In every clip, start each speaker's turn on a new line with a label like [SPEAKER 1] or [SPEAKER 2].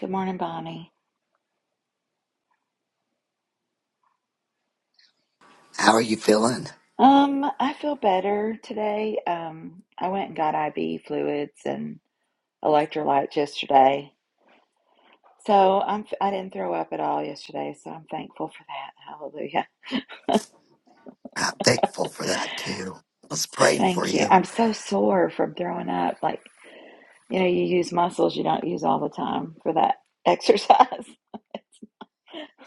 [SPEAKER 1] Good morning, Bonnie.
[SPEAKER 2] How are you feeling?
[SPEAKER 1] Um, I feel better today. Um, I went and got IV fluids and electrolytes yesterday. So I'm I didn't throw up at all yesterday, so I'm thankful for that. Hallelujah.
[SPEAKER 2] I'm thankful for that too. I was praying for
[SPEAKER 1] Thank you.
[SPEAKER 2] you.
[SPEAKER 1] I'm so sore from throwing up. Like, you know, you use muscles you don't use all the time for that exercise. it's,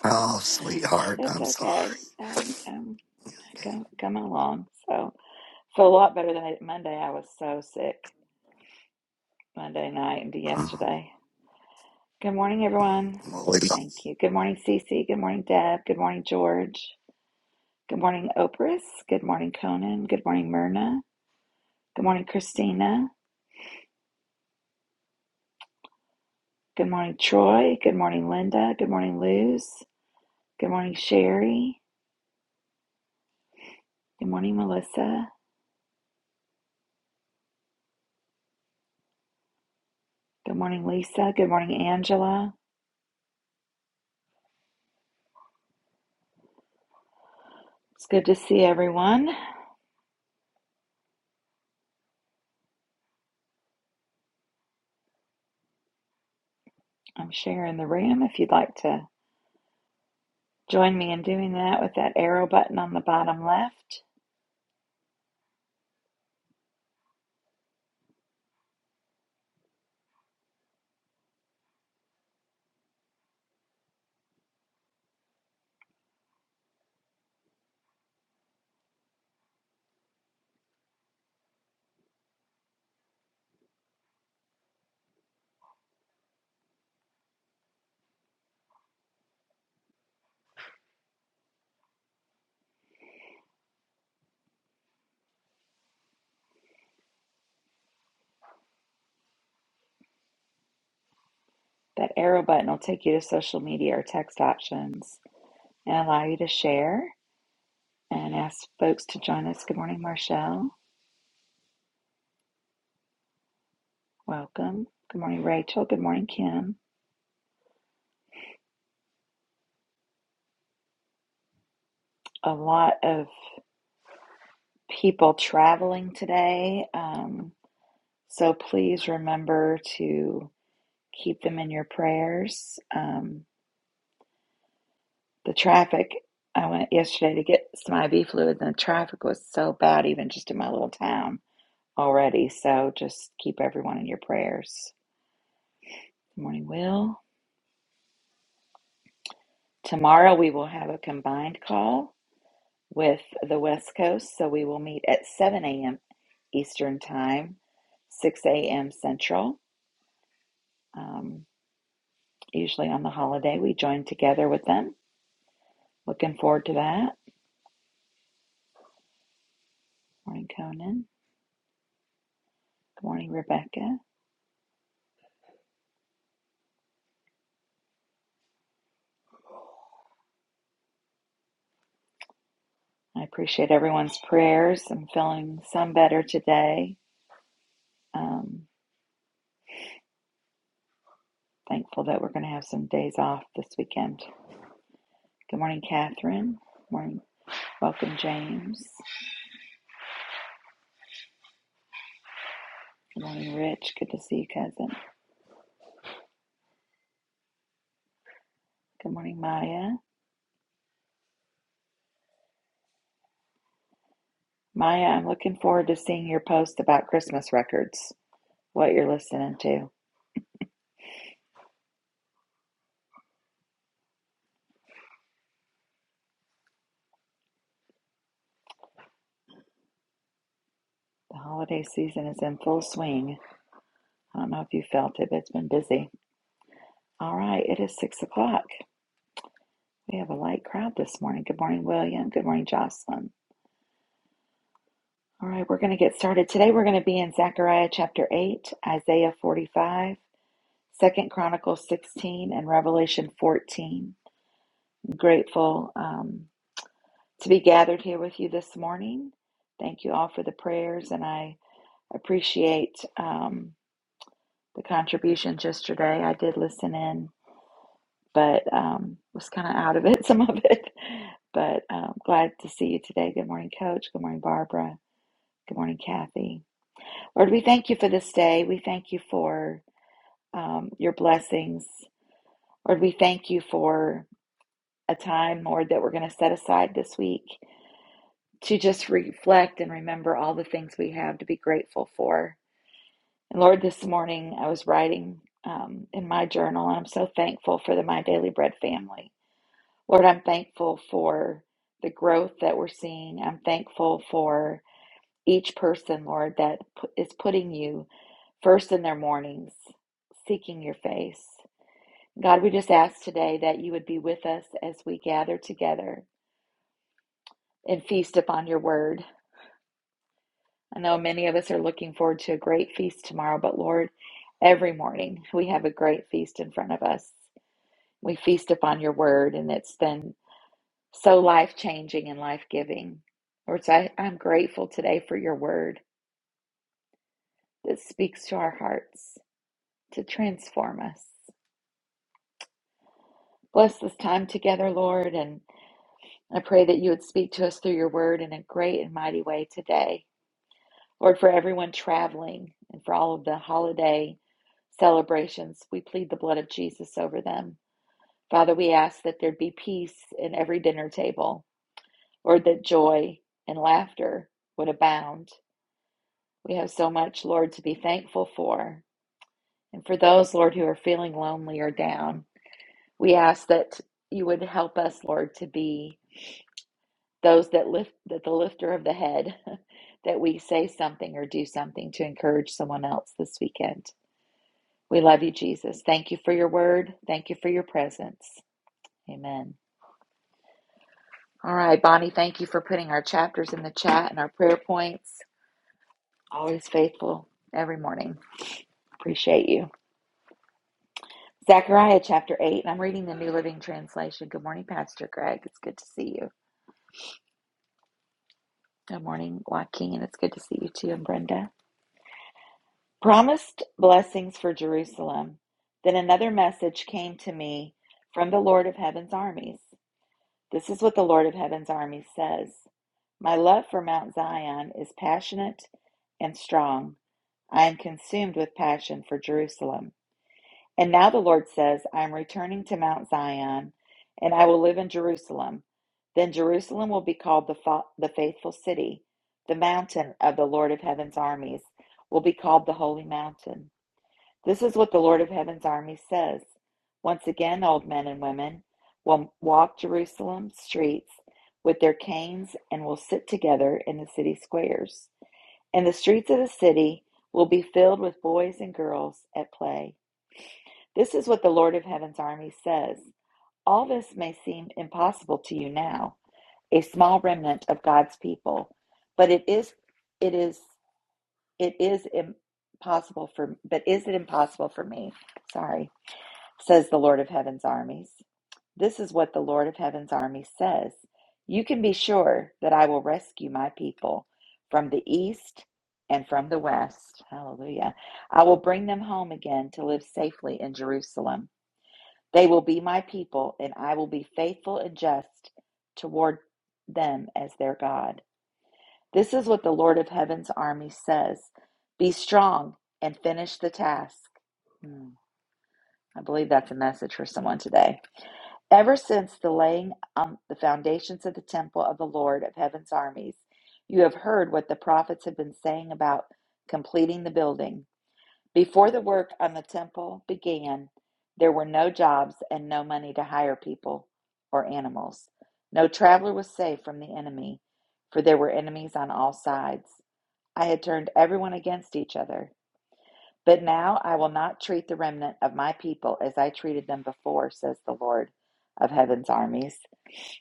[SPEAKER 2] Oh, sweetheart,
[SPEAKER 1] it's
[SPEAKER 2] I'm sorry.
[SPEAKER 1] okay. Um, um,
[SPEAKER 2] Okay.
[SPEAKER 1] come, come along. So feel a lot better than I did Monday. I was so sick Monday night and
[SPEAKER 2] Oh,
[SPEAKER 1] yesterday. Good morning, everyone.
[SPEAKER 2] Lord.
[SPEAKER 1] Thank you. Good morning, Cece. Good morning, Deb. Good morning, George. Good morning, Opris. Good morning, Conan. Good morning, Myrna. Good morning, Christina. Good morning, Troy. Good morning, Linda. Good morning, Luz. Good morning, Sherry. Good morning, Melissa. Good morning, Lisa. Good morning, Angela. It's good to see everyone. I'm sharing the room if you'd like to join me in doing that with that arrow button on the bottom left. That arrow button will take you to social media or text options and allow you to share and ask folks to join us. Good morning, Marshall. Welcome. Good morning, Rachel. Good morning, Kim. A lot of people traveling today. Um, so please remember to keep them in your prayers. Um, the traffic, I went yesterday to get some IV fluid, and the traffic was so bad, even just in my little town already. So just keep everyone in your prayers. Good morning, Will. Tomorrow we will have a combined call with the West Coast. So we will meet at 7 a.m. Eastern Time, 6 a.m. Central. Um, usually on the holiday, we join together with them. Looking forward to that. Good Morning, Conan. Good morning, Rebecca. I appreciate everyone's prayers. I'm feeling some better today. Um, thankful that we're going to have some days off this weekend. Good morning, Catherine. Good morning. Welcome, James. Good morning, Rich. Good to see you, cousin. Good morning, Maya. Maya, I'm looking forward to seeing your post about Christmas records, what you're listening to. The holiday season is in full swing. I don't know if you felt it, but it's been busy. All right, it is six o'clock. We have a light crowd this morning. Good morning, William. Good morning, Jocelyn. All right, we're going to get started. Today we're going to be in Zechariah chapter 8, Isaiah 45, Second Chronicles 16, and Revelation 14. I'm grateful um, to be gathered here with you this morning. Thank you all for the prayers, and I Appreciate um, the contributions yesterday. I did listen in, but um, was kind of out of it, some of it. But um, glad to see you today. Good morning, Coach. Good morning, Barbara. Good morning, Kathy. Lord, we thank you for this day. We thank you for um, your blessings. Lord, we thank you for a time, Lord, that we're going to set aside this week to just reflect and remember all the things we have to be grateful for. And Lord, this morning I was writing um, in my journal, and I'm so thankful for the My Daily Bread family. Lord, I'm thankful for the growth that we're seeing. I'm thankful for each person, Lord, that pu- is putting you first in their mornings, seeking your face. God, we just ask today that you would be with us as we gather together and feast upon your word. I know many of us are looking forward to a great feast tomorrow, but Lord, every morning we have a great feast in front of us. We feast upon your word, and it's been so life changing and life giving. Lord, so I, I'm grateful today for your word that speaks to our hearts to transform us. Bless this time together, Lord, and I pray that you would speak to us through your word in a great and mighty way today. Lord, for everyone traveling and for all of the holiday celebrations, we plead the blood of Jesus over them. Father, we ask that there be peace in every dinner table, Lord, that joy and laughter would abound. We have so much, Lord, to be thankful for. And for those, Lord, who are feeling lonely or down, we ask that you would help us, Lord, to be those that lift that the lifter of the head, that we say something or do something to encourage someone else this weekend. We love you, Jesus. Thank you for your word. Thank you for your presence. Amen. All right, Bonnie, thank you for putting our chapters in the chat and our prayer points. Always faithful every morning. Appreciate you. Zechariah chapter 8, and I'm reading the New Living Translation. Good morning, Pastor Greg. It's good to see you. Good morning, Joaquin. It's good to see you too, and Brenda. Promised blessings for Jerusalem. Then another message came to me from the Lord of Heaven's armies. This is what the Lord of Heaven's armies says My love for Mount Zion is passionate and strong. I am consumed with passion for Jerusalem. And now the Lord says, I am returning to Mount Zion, and I will live in Jerusalem. Then Jerusalem will be called the, fa- the faithful city. The mountain of the Lord of Heaven's armies will be called the holy mountain. This is what the Lord of Heaven's army says. Once again, old men and women will walk Jerusalem's streets with their canes and will sit together in the city squares. And the streets of the city will be filled with boys and girls at play. This is what the Lord of Heaven's army says. All this may seem impossible to you now, a small remnant of God's people, but it is it is it is impossible for but is it impossible for me? Sorry says the Lord of Heaven's armies. This is what the Lord of Heaven's armies says You can be sure that I will rescue my people from the east and from the west. Hallelujah. I will bring them home again to live safely in Jerusalem. They will be my people, and I will be faithful and just toward them as their God. This is what the Lord of Heaven's armies says Be strong and finish the task. Hmm. I believe that's a message for someone today. Ever since the laying on the foundations of the temple of the Lord of heaven's armies, you have heard what the prophets have been saying about completing the building. Before the work on the temple began, there were no jobs and no money to hire people or animals. No traveler was safe from the enemy, for there were enemies on all sides. I had turned everyone against each other. But now I will not treat the remnant of my people as I treated them before, says the Lord of heaven's armies.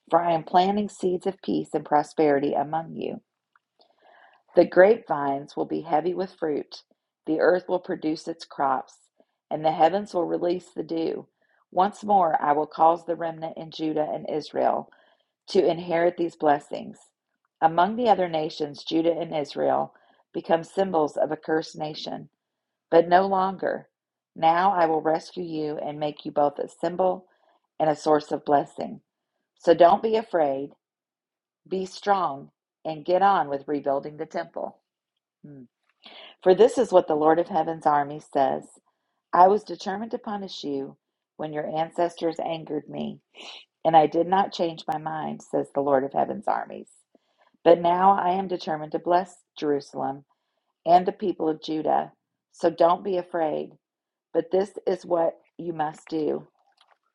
[SPEAKER 1] For I am planting seeds of peace and prosperity among you. The grapevines will be heavy with fruit, the earth will produce its crops, and the heavens will release the dew. Once more I will cause the remnant in Judah and Israel to inherit these blessings. Among the other nations, Judah and Israel become symbols of a cursed nation. But no longer. Now I will rescue you and make you both a symbol and a source of blessing. So don't be afraid, be strong, and get on with rebuilding the temple. Hmm. For this is what the Lord of Heaven's army says I was determined to punish you when your ancestors angered me, and I did not change my mind, says the Lord of Heaven's armies. But now I am determined to bless Jerusalem and the people of Judah. So don't be afraid. But this is what you must do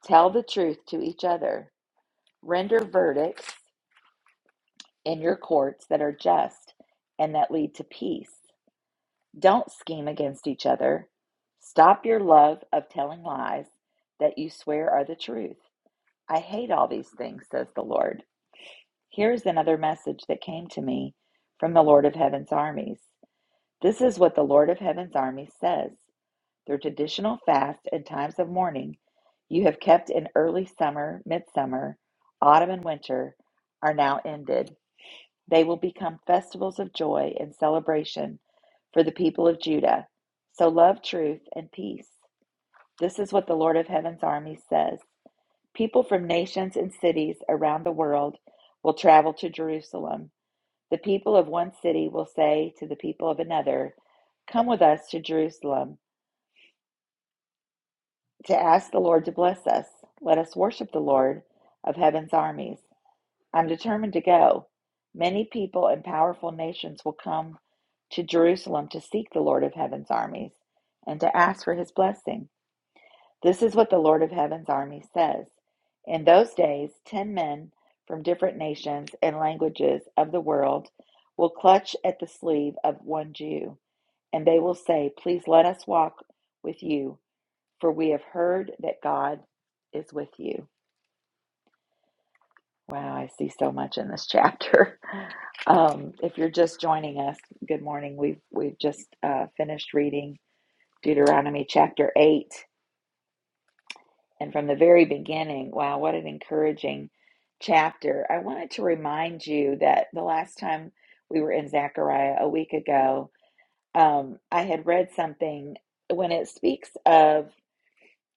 [SPEAKER 1] tell the truth to each other, render verdicts in your courts that are just and that lead to peace. Don't scheme against each other. Stop your love of telling lies that you swear are the truth. I hate all these things, says the Lord. Here's another message that came to me from the Lord of Heaven's armies. This is what the Lord of Heaven's armies says. Their traditional fasts and times of mourning you have kept in early summer, midsummer, autumn, and winter are now ended. They will become festivals of joy and celebration for the people of Judah. So love truth and peace. This is what the Lord of Heaven's armies says. People from nations and cities around the world will travel to Jerusalem. The people of one city will say to the people of another, Come with us to Jerusalem to ask the Lord to bless us. Let us worship the Lord of heaven's armies. I'm determined to go. Many people and powerful nations will come to Jerusalem to seek the Lord of heaven's armies and to ask for his blessing. This is what the Lord of heaven's armies says. In those days, ten men from different nations and languages of the world will clutch at the sleeve of one Jew, and they will say, Please let us walk with you for we have heard that God is with you. Wow, I see so much in this chapter. Um, if you're just joining us, good morning. We've we've just uh, finished reading Deuteronomy chapter eight, and from the very beginning. Wow, what an encouraging chapter! I wanted to remind you that the last time we were in Zechariah a week ago, um, I had read something when it speaks of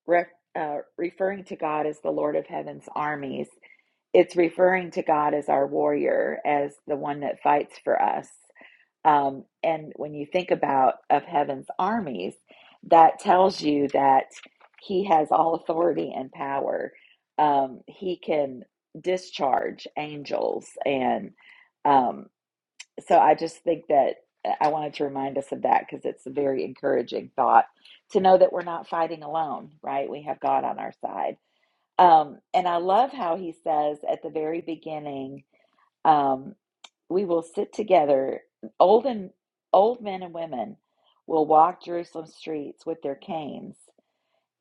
[SPEAKER 1] re- uh, referring to God as the Lord of Heaven's armies it's referring to God as our warrior, as the one that fights for us. Um, and when you think about of heaven's armies, that tells you that He has all authority and power. Um, he can discharge angels, and um, so I just think that uh, I wanted to remind us of that because it's a very encouraging thought to know that we're not fighting alone, right? We have God on our side um, and I love how he says at the very beginning, um, we will sit together, old and old men and women will walk Jerusalem streets with their canes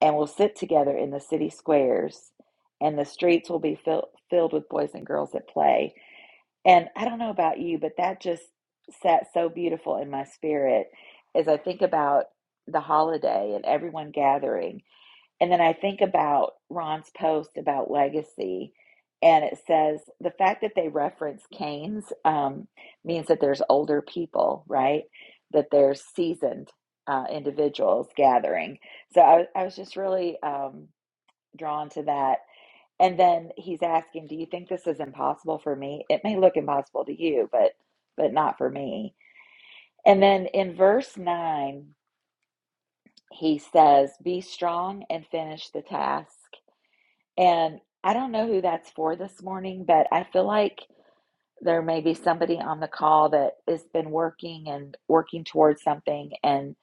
[SPEAKER 1] and will sit together in the city squares, and the streets will be fill, filled with boys and girls at play. And I don't know about you, but that just sat so beautiful in my spirit as I think about the holiday and everyone gathering and then I think about Ron's post about legacy, and it says the fact that they reference Cain's um, means that there's older people, right? That there's seasoned uh, individuals gathering. So I, was- I was just really um, drawn to that. And then he's asking, "Do you think this is impossible for me? It may look impossible to you, but but not for me." And then in verse nine, he says, "Be strong and finish the task." And I don't know who that's for this morning, but I feel like there may be somebody on the call that has been working and working towards something, and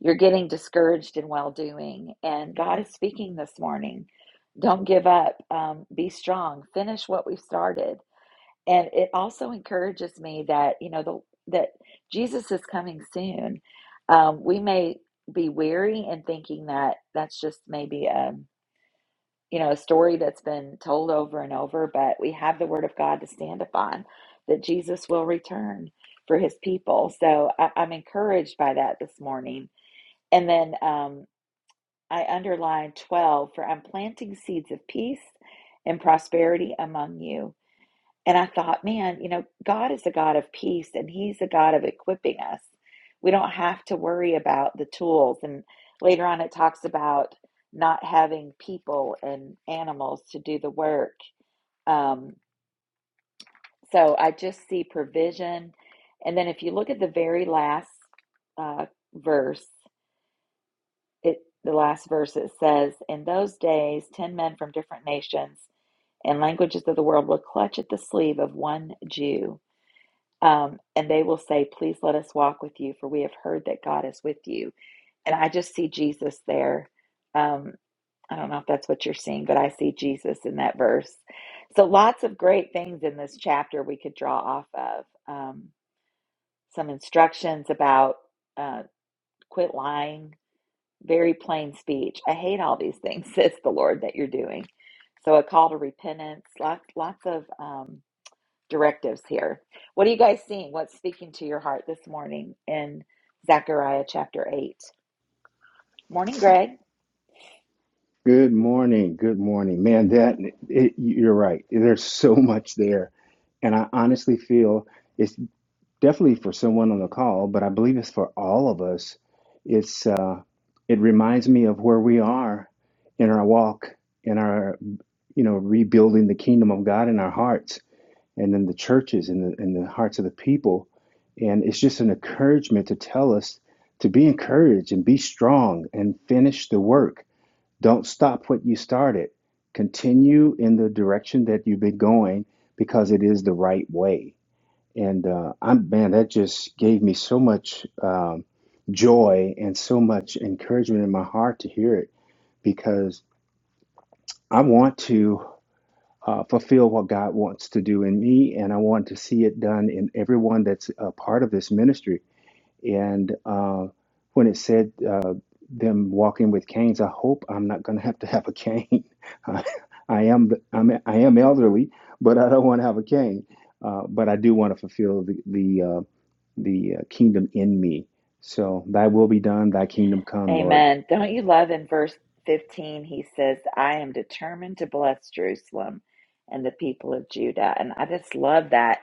[SPEAKER 1] you're getting discouraged in well doing. And God is speaking this morning. Don't give up. Um, be strong. Finish what we've started. And it also encourages me that you know the that Jesus is coming soon. Um, we may be weary and thinking that that's just maybe a you know, a story that's been told over and over, but we have the word of God to stand upon that Jesus will return for his people. So I, I'm encouraged by that this morning. And then um, I underlined 12 for I'm planting seeds of peace and prosperity among you. And I thought, man, you know, God is a God of peace and He's a God of equipping us. We don't have to worry about the tools. And later on, it talks about not having people and animals to do the work. Um, so I just see provision. And then if you look at the very last uh, verse, it, the last verse, it says, In those days, 10 men from different nations and languages of the world will clutch at the sleeve of one Jew Um, and they will say, Please let us walk with you, for we have heard that God is with you. And I just see Jesus there. Um, I don't know if that's what you're seeing, but I see Jesus in that verse. So lots of great things in this chapter we could draw off of. Um, some instructions about uh, quit lying, very plain speech. I hate all these things, says the Lord, that you're doing. So a call to repentance, lots, lots of. Um, directives here. What are you guys seeing? What's speaking to your heart this morning in Zechariah chapter 8? Morning, Greg.
[SPEAKER 3] Good morning. Good morning. Man, that it, you're right. There's so much there. And I honestly feel it's definitely for someone on the call, but I believe it's for all of us. It's uh it reminds me of where we are in our walk, in our you know, rebuilding the kingdom of God in our hearts and in the churches and the in the hearts of the people. And it's just an encouragement to tell us to be encouraged and be strong and finish the work don't stop what you started. Continue in the direction that you've been going because it is the right way. And uh, I'm man, that just gave me so much um, joy and so much encouragement in my heart to hear it because I want to uh, fulfill what God wants to do in me, and I want to see it done in everyone that's a part of this ministry. And uh, when it said uh, them walking with canes, I hope I'm not going to have to have a cane. I, I am I'm, I am elderly, but I don't want to have a cane. Uh, but I do want to fulfill the the uh, the uh, kingdom in me. So Thy will be done, Thy kingdom come, Lord.
[SPEAKER 1] Amen. Don't you love in verse 15? He says, I am determined to bless Jerusalem and the people of Judah. And I just love that.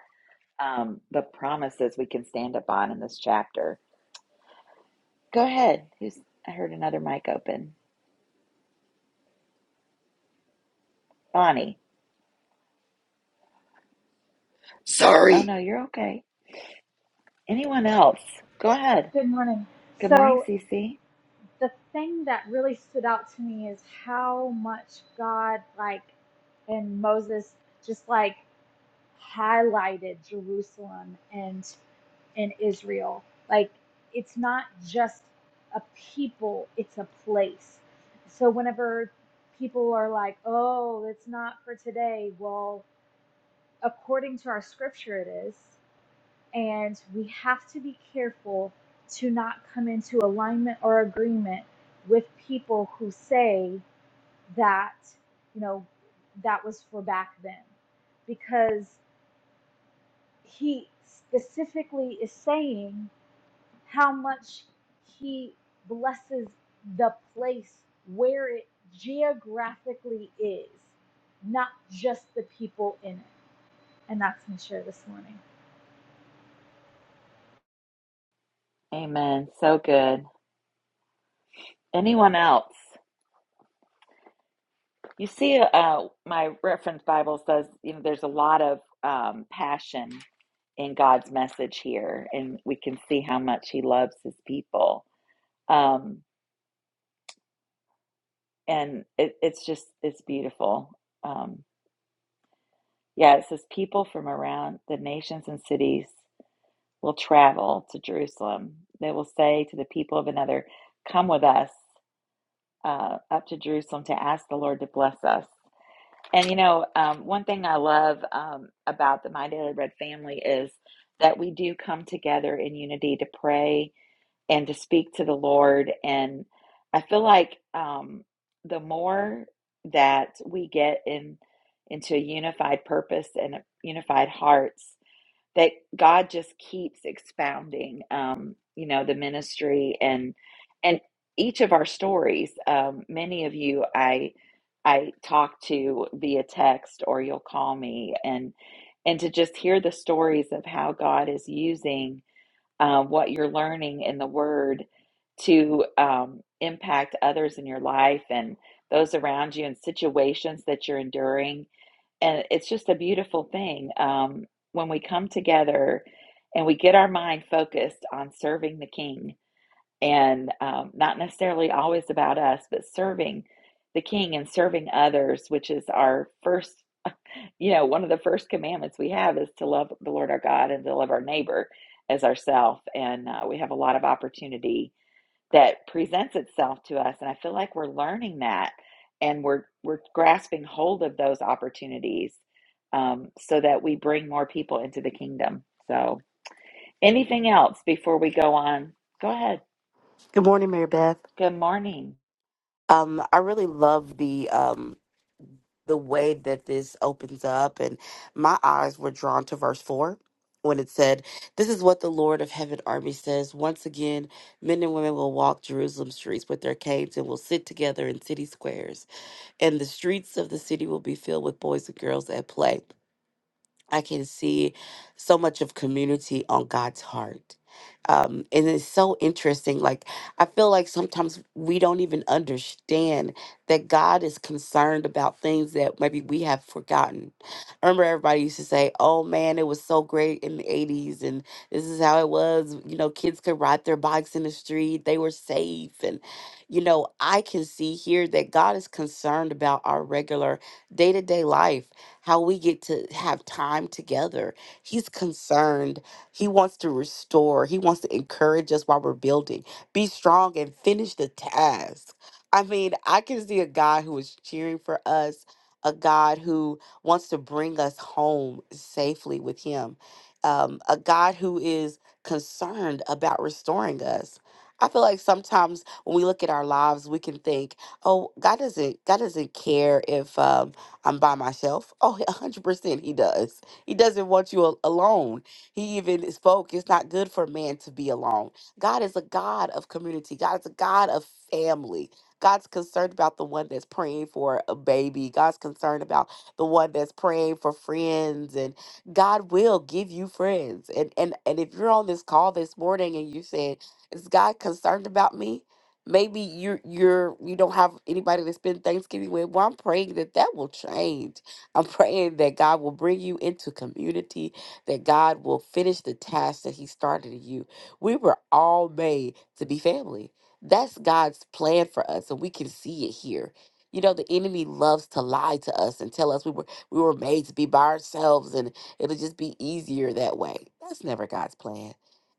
[SPEAKER 1] Um, the promises we can stand upon in this chapter. Go ahead. Who's I heard another mic open. Bonnie. Oh
[SPEAKER 2] sorry.
[SPEAKER 1] no, you're okay. Anyone else? Go ahead.
[SPEAKER 4] Good morning.
[SPEAKER 1] Good morning,
[SPEAKER 4] So
[SPEAKER 1] Cece.
[SPEAKER 4] the thing that really stood out to me is how much God, like, and Moses just like highlighted Jerusalem and and Israel. Like, it's not just a people; it's a place. So whenever people are like, "Oh, it's not for today," well, according to our scripture, it is and we have to be careful to not come into alignment or agreement with people who say that you know that was for back then because he specifically is saying how much he blesses the place where it geographically is not just the people in it and that's my share this morning
[SPEAKER 1] Amen. So good. Anyone else? You see, uh, my reference Bible says, you know, there's a lot of um, passion in God's message here, and we can see how much He loves His people. Um, and it, it's just, it's beautiful. Um, yeah, it says people from around the nations and cities will travel to Jerusalem. They will say to the people of another, Come with us uh, up to Jerusalem to ask the Lord to bless us. And you know, um, one thing I love um, about the My Daily Bread family is that we do come together in unity to pray and to speak to the Lord. And I feel like um, the more that we get in into a unified purpose and unified hearts, that God just keeps expounding, um, you know, the ministry and and each of our stories. Um, many of you, I I talk to via text or you'll call me, and and to just hear the stories of how God is using uh, what you're learning in the Word to um, impact others in your life and those around you and situations that you're enduring and it's just a beautiful thing um, when we come together and we get our mind focused on serving the king and um, not necessarily always about us but serving the king and serving others which is our first you know one of the first commandments we have is to love the lord our god and to love our neighbor as ourself and uh, we have a lot of opportunity that presents itself to us and i feel like we're learning that and we're we're grasping hold of those opportunities um, so that we bring more people into the kingdom so anything else before we go on go ahead
[SPEAKER 5] Good morning, Mary Beth.
[SPEAKER 1] good morning
[SPEAKER 5] Um, I really love the um the way that this opens up, and my eyes were drawn to verse four when it said, "This is what the Lord of Heaven Army says: Once again, men and women will walk Jerusalem streets with their canes and will sit together in city squares, and the streets of the city will be filled with boys and girls at play." I can see so much of community on God's heart. Um, and it's so interesting. Like, I feel like sometimes we don't even understand that God is concerned about things that maybe we have forgotten. I remember everybody used to say, Oh man, it was so great in the 80s, and this is how it was. You know, kids could ride their bikes in the street, they were safe. And, you know, I can see here that God is concerned about our regular day to day life how we get to have time together. He's concerned. He wants to restore. He wants to encourage us while we're building. Be strong and finish the task. I mean, I can see a God who is cheering for us, a God who wants to bring us home safely with Him, um, a God who is concerned about restoring us. I feel like sometimes when we look at our lives, we can think, "Oh, God doesn't. God doesn't care if um, I'm by myself. Oh, 100% he does. He doesn't want you al- alone. He even spoke, it's not good for man to be alone. God is a God of community, God is a God of family. God's concerned about the one that's praying for a baby. God's concerned about the one that's praying for friends. And God will give you friends. And and and if you're on this call this morning and you said, Is God concerned about me? maybe you're you're you don't have anybody to spend Thanksgiving with. Well, I'm praying that that will change. I'm praying that God will bring you into community, that God will finish the task that He started in you. We were all made to be family. That's God's plan for us, and we can see it here. You know, the enemy loves to lie to us and tell us we were we were made to be by ourselves and it'll just be easier that way. That's never God's plan.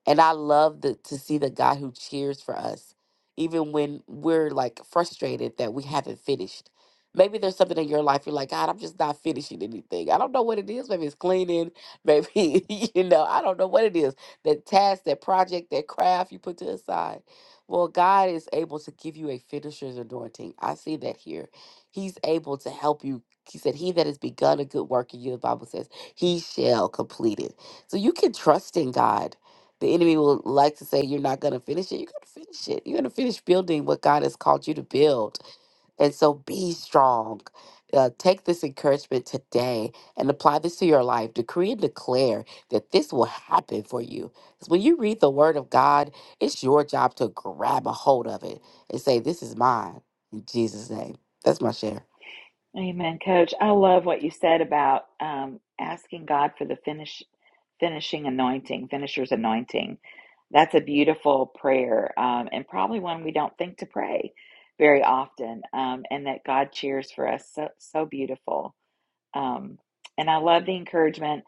[SPEAKER 5] And I love the, to see the God who cheers for us even when we're like frustrated that we haven't finished. Maybe there's something in your life you're like, God, I'm just not finishing anything. I don't know what it is. Maybe it's cleaning. Maybe, you know, I don't know what it is. That task, that project, that craft you put to the side. Well, God is able to give you a finisher's anointing. I see that here. He's able to help you. He said, He that has begun a good work in you, the Bible says, he shall complete it. So you can trust in God the enemy will like to say, You're not going to finish it. You're going to finish it. You're going to finish building what God has called you to build. And so be strong. Uh, take this encouragement today and apply this to your life. Decree and declare that this will happen for you. Because when you read the word of God, it's your job to grab a hold of it and say, This is mine in Jesus' name. That's my share.
[SPEAKER 1] amen coach i love what you said about um, asking god for the finish finishing anointing, finisher's anointing. That's a beautiful prayer, um, and probably one we don't think to pray very often, um, and that God cheers for us. So, so beautiful. Um, and I love the encouragement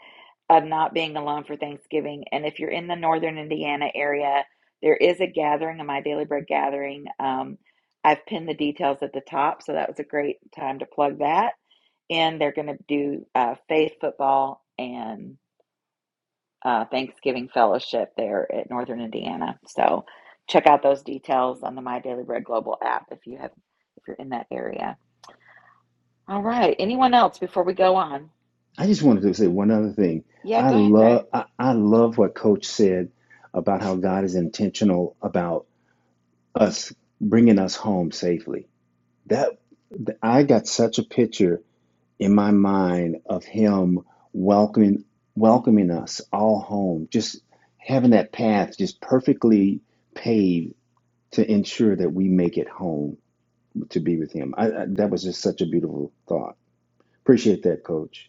[SPEAKER 1] of not being alone for Thanksgiving. And if you're in the northern Indiana area, there is a gathering, a My Daily Bread gathering. Um, I've pinned the details at the top, so that was a great time to plug that. And they're going to do uh, faith football and uh, Thanksgiving Fellowship there at Northern Indiana. So check out those details on the My Daily Bread Global app if you have if you're in that area. All right. Anyone else before we go on?
[SPEAKER 3] I just wanted to say one other thing.
[SPEAKER 1] Yeah,
[SPEAKER 3] I
[SPEAKER 1] go ahead, Greg.
[SPEAKER 3] love I, I love what Coach said about how God is intentional about us bringing us home safely That I got such a picture in my mind of him welcoming welcoming us all home, just having that path just perfectly paved to ensure that we make it home to be with him. I, I, that was just such a beautiful thought. Appreciate that, Coach.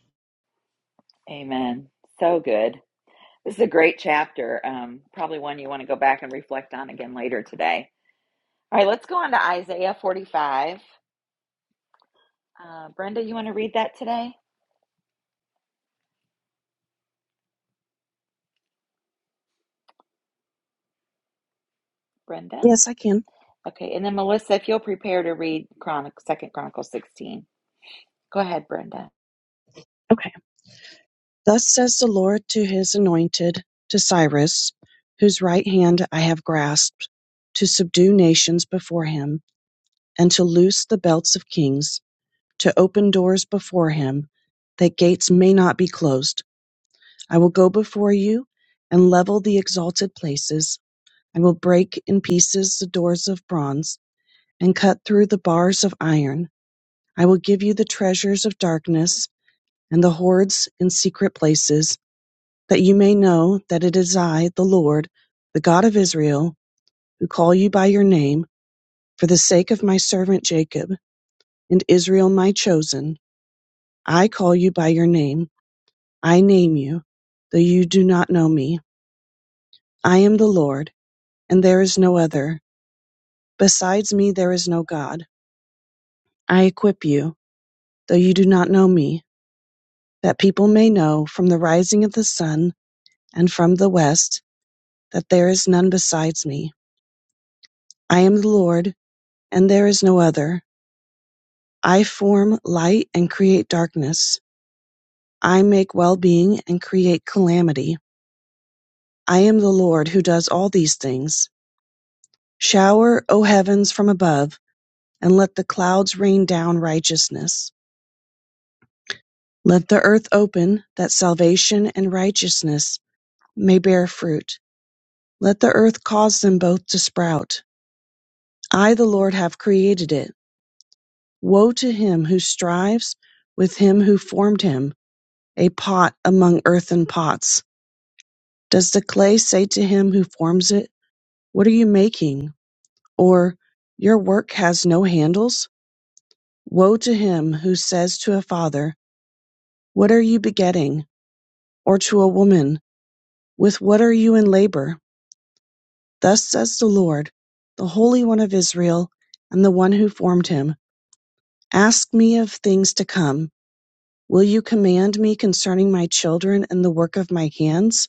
[SPEAKER 1] Amen. So good. This is a great chapter. Um, probably one you want to go back and reflect on again later today. All right, let's go on to Isaiah 45. Uh, Brenda, you want to read that today? Brenda?
[SPEAKER 6] Yes, I can.
[SPEAKER 1] Okay, and then Melissa, if you'll prepare to read Chronic Second Chronicle 16. Go ahead, Brenda.
[SPEAKER 6] Okay. Thus says the Lord to his anointed, to Cyrus, whose right hand I have grasped, to subdue nations before him, and to loose the belts of kings, to open doors before him, that gates may not be closed. I will go before you and level the exalted places. I will break in pieces the doors of bronze and cut through the bars of iron. I will give you the treasures of darkness and the hoards in secret places that you may know that it is I, the Lord, the God of Israel, who call you by your name, for the sake of my servant Jacob, and Israel my chosen. I call you by your name, I name you, though you do not know me. I am the Lord, and there is no other. Besides me, there is no God. I equip you, though you do not know me, that people may know from the rising of the sun and from the west that there is none besides me. I am the Lord, and there is no other. I form light and create darkness. I make well-being and create calamity. I am the Lord who does all these things. Shower, O heavens, from above, and let the clouds rain down righteousness. Let the earth open, that salvation and righteousness may bear fruit. Let the earth cause them both to sprout. I, the Lord, have created it. Woe to him who strives with him who formed him, a pot among earthen pots Does the clay say to him who forms it, What are you making? Or, Your work has no handles? Woe to him who says to a father, What are you begetting? Or to a woman, With what are you in labor? Thus says the Lord, the Holy One of Israel, and the one who formed him, Ask me of things to come. Will you command me concerning my children and the work of my hands?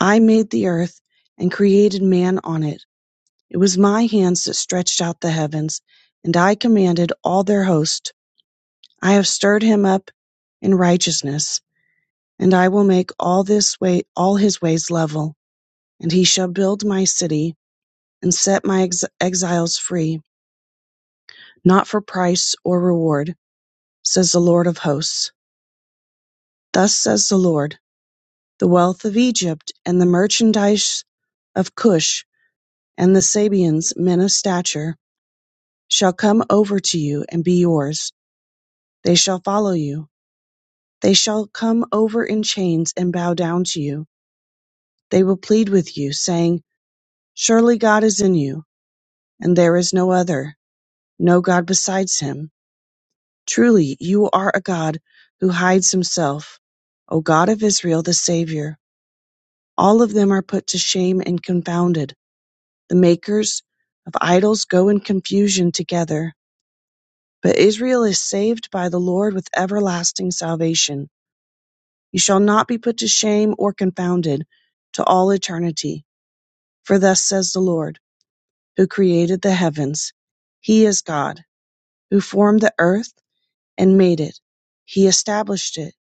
[SPEAKER 6] I made the earth and created man on it. It was my hands that stretched out the heavens, and I commanded all their host. I have stirred him up in righteousness, and I will make all this way all his ways level, and he shall build my city and set my ex- exiles free, not for price or reward, says the Lord of hosts. Thus says the Lord, the wealth of Egypt and the merchandise of Cush and the Sabians, men of stature, shall come over to you and be yours. They shall follow you They shall come over in chains and bow down to you. They will plead with you, saying, Surely God is in you, and there is no other, no God besides him. Truly, you are a God who hides himself, O God of Israel, the Savior. All of them are put to shame and confounded. The makers of idols go in confusion together. But Israel is saved by the Lord with everlasting salvation. You shall not be put to shame or confounded to all eternity. For thus says the Lord, who created the heavens He is God, who formed the earth and made it. He established it.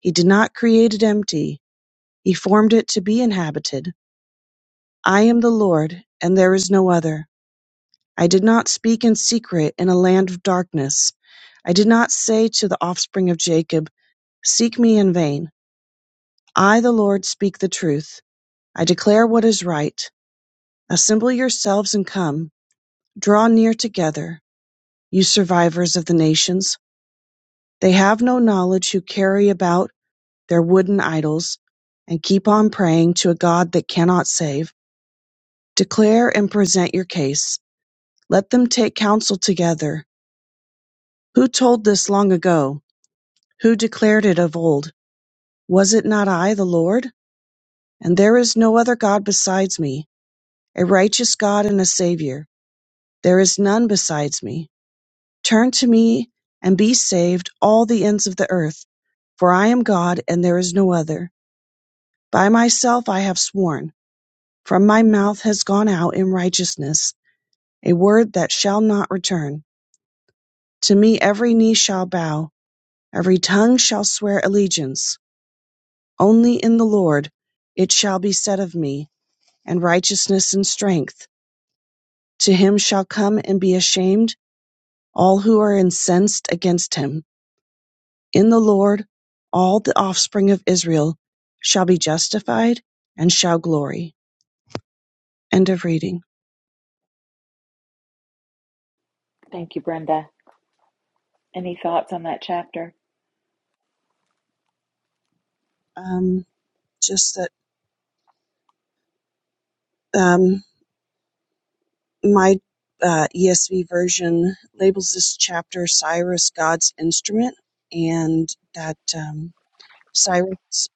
[SPEAKER 6] He did not create it empty. He formed it to be inhabited. I am the Lord, and there is no other. I did not speak in secret in a land of darkness. I did not say to the offspring of Jacob, Seek me in vain. I, the Lord, speak the truth. I declare what is right. Assemble yourselves and come. Draw near together You survivors of the nations, they have no knowledge who carry about their wooden idols and keep on praying to a God that cannot save. Declare and present your case. Let them take counsel together. Who told this long ago? Who declared it of old? Was it not I, the Lord? And there is no other God besides me, a righteous God and a Savior. There is none besides me. Turn to me and be saved, all the ends of the earth. For I am God, and there is no other. By myself I have sworn. From my mouth has gone out in righteousness a word that shall not return. To me every knee shall bow, every tongue shall swear allegiance. Only in the Lord it shall be said of me, and righteousness and strength. To him shall come and be ashamed all who are incensed against him. In the Lord all the offspring of Israel shall be justified and shall glory. End of reading.
[SPEAKER 1] Thank you, Brenda. Any thoughts on that chapter?
[SPEAKER 6] Um, just that um, my uh, ESV version labels this chapter Cyrus, God's instrument, and that um, Cyrus,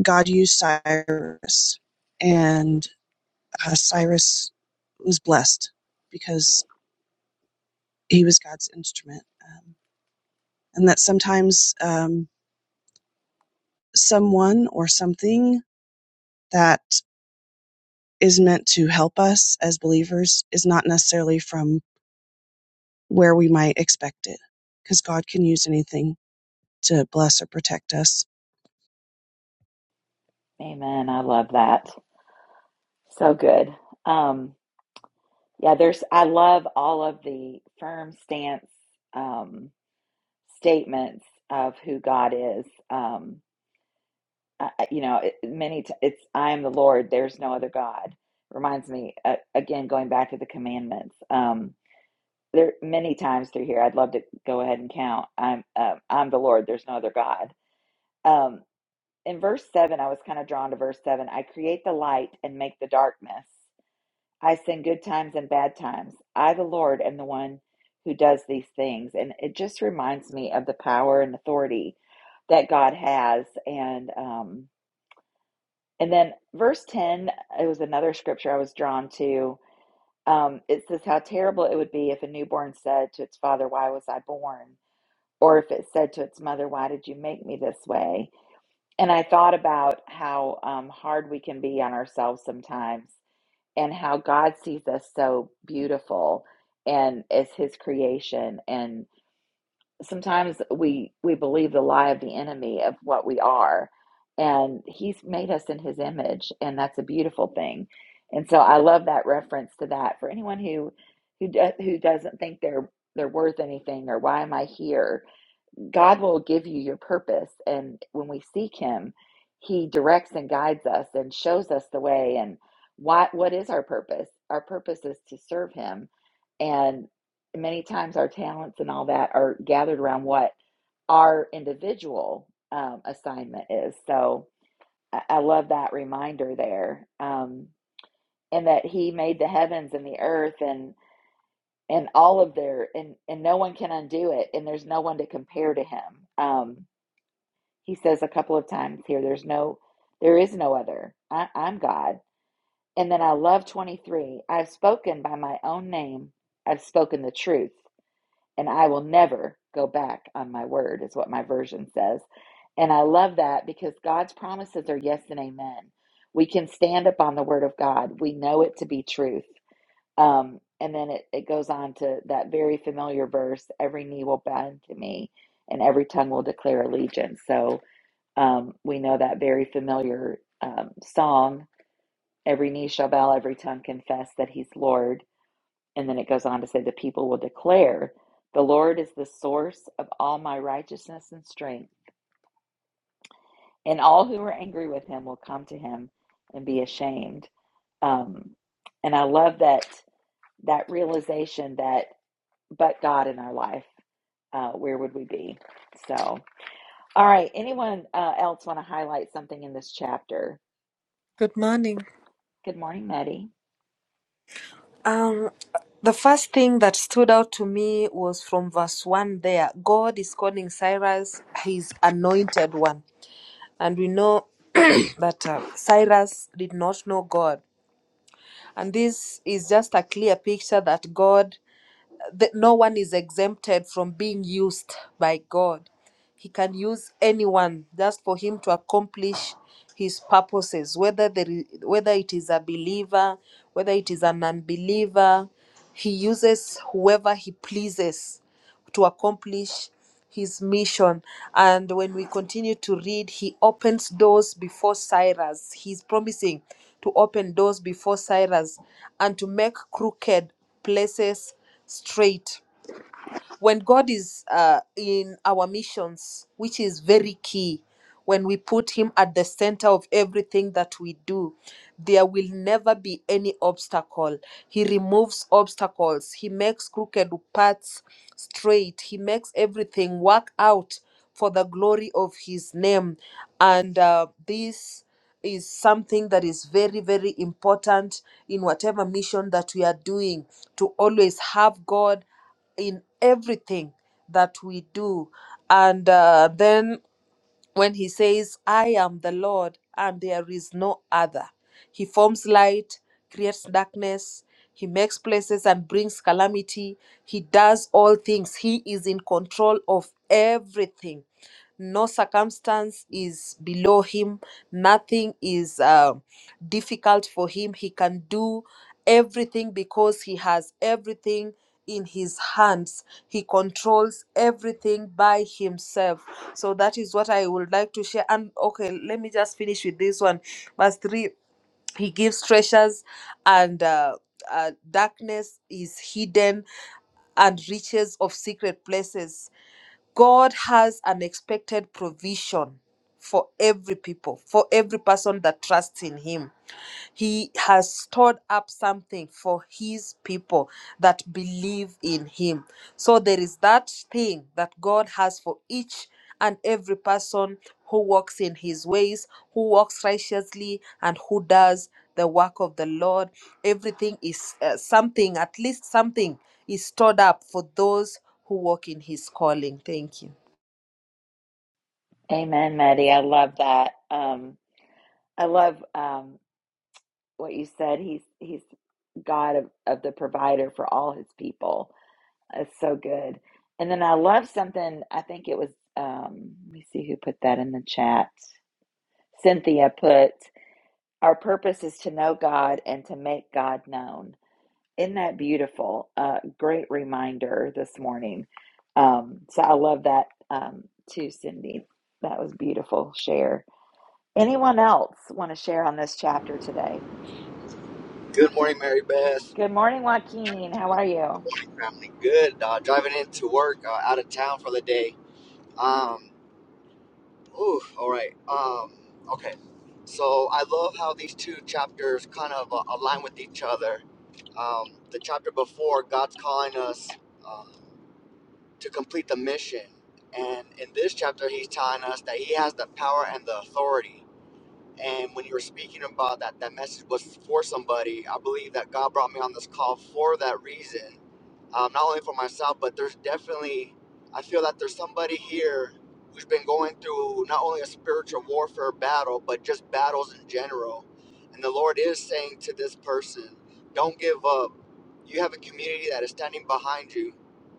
[SPEAKER 6] God used Cyrus, and uh, Cyrus was blessed because he was God's instrument. Um, and that sometimes um, someone or something that is meant to help us as believers is not necessarily from where we might expect it, because God can use anything to bless or protect us.
[SPEAKER 1] Amen. I love that. So good. Um, yeah, there's, I love all of the firm stance um, statements of who God is. Um, I, you know, it, many, t- it's, I am the Lord, there's no other God. Reminds me, uh, again, going back to the commandments. Um, there many times through here, I'd love to go ahead and count. I'm, um I'm the Lord, there's no other God. Um, in verse 7 i was kind of drawn to verse 7 i create the light and make the darkness i send good times and bad times i the lord am the one who does these things and it just reminds me of the power and authority that god has and um and then verse 10 it was another scripture i was drawn to um it says how terrible it would be if a newborn said to its father why was i born or if it said to its mother why did you make me this way and I thought about how um, hard we can be on ourselves sometimes and how God sees us so beautiful and as his creation. And sometimes we, we believe the lie of the enemy of what we are. And he's made us in his image, and that's a beautiful thing. And so I love that reference to that for anyone who who do, who doesn't think they're they're worth anything or why am I here? God will give you your purpose. And when we seek Him, He directs and guides us and shows us the way. And what, what is our purpose? Our purpose is to serve Him. And many times our talents and all that are gathered around what our individual um, assignment is. So I, I love that reminder there. Um, and that He made the heavens and the earth and and all of their and and no one can undo it and there's no one to compare to him um he says a couple of times here, there's no, there is no other. I, I'm God. And then I love 23. I've spoken by my own name. I've spoken the truth, and I will never go back on my word, is what my version says. And I love that because God's promises are yes and amen. We can stand upon the word of God, we know it to be truth. Um, and then it, it goes on to that very familiar verse every knee will bend to me, and every tongue will declare allegiance. So, um, we know that very familiar um, song, every knee shall bow, every tongue confess that he's Lord. And then it goes on to say, the people will declare, the Lord is the source of all my righteousness and strength. And all who are angry with him will come to him and be ashamed. Um, and I love that that realization that but God in our life, uh, where would we be? So, all right. Anyone uh, else want to highlight something in this chapter?
[SPEAKER 7] Good morning.
[SPEAKER 1] Good morning, Maddie.
[SPEAKER 7] Um, the first thing that stood out to me was from verse 1 there. God is calling Cyrus his anointed one. And we know that uh, Cyrus did not know God. And this is just a clear picture that God that no one is exempted from being used by God. He can use anyone just for him to accomplish his purposes, whether there is, whether it is a believer, whether it is an unbeliever, he uses whoever he pleases to accomplish his mission. And when we continue to read, he opens doors before Cyrus. He's promising to open doors before Cyrus and to make crooked places straight when God is uh, in our missions, which is very key, when we put Him at the center of everything that we do, there will never be any obstacle. He removes obstacles, He makes crooked paths straight, He makes everything work out for the glory of His name. And uh, this is something that is very, very important in whatever mission that we are doing to always have God in everything that we do and uh, then when he says, I am the Lord and there is no other. He forms light, creates darkness, he makes places and brings calamity. He does all things, he is in control of everything. No circumstance is below him, nothing is uh, difficult for him. He can do everything because he has everything in his hands. He controls everything by himself so that is what I would like to share. And okay, let me just finish with this one. Verse 3 He gives treasures, and uh, uh, darkness is hidden, and riches of secret places. God has unexpected provision for every people, for every person that trusts in Him. He has stored up something for His people that believe in Him. So there is that thing that God has for each and every person who walks in his ways, who walks righteously, and who does the work of the Lord. Everything is uh, something, at least something is stored up for those who walk in his calling. Thank you.
[SPEAKER 1] Amen, Maddie. I love that. Um, I love um, what you said. He's he's God of, of the provider for all his people. That's so good. And then I love something. I think it was. Um, let me see who put that in the chat. Cynthia put, "Our purpose is to know God and to make God known." Isn't that beautiful? Uh, great reminder this morning. Um, so I love that um, too, Cindy. That was beautiful. Share. Anyone else want to share on this chapter today?
[SPEAKER 8] Good morning, Mary Beth.
[SPEAKER 1] Good morning, Joaquin. How are you?
[SPEAKER 8] Family, good. Uh, driving into work, uh, out of town for the day. Um, ooh, all right. Um, okay. So I love how these two chapters kind of uh, align with each other. Um, the chapter before, God's calling us uh, to complete the mission, and in this chapter, He's telling us that He has the power and the authority. And when you were speaking about that, that message was for somebody. I believe that God brought me on this call for that reason um, not only for myself, but there's definitely, I feel that there's somebody here who's been going through not only a spiritual warfare battle, but just battles in general. And the Lord is saying to this person, don't give up. You have a community that is standing behind you.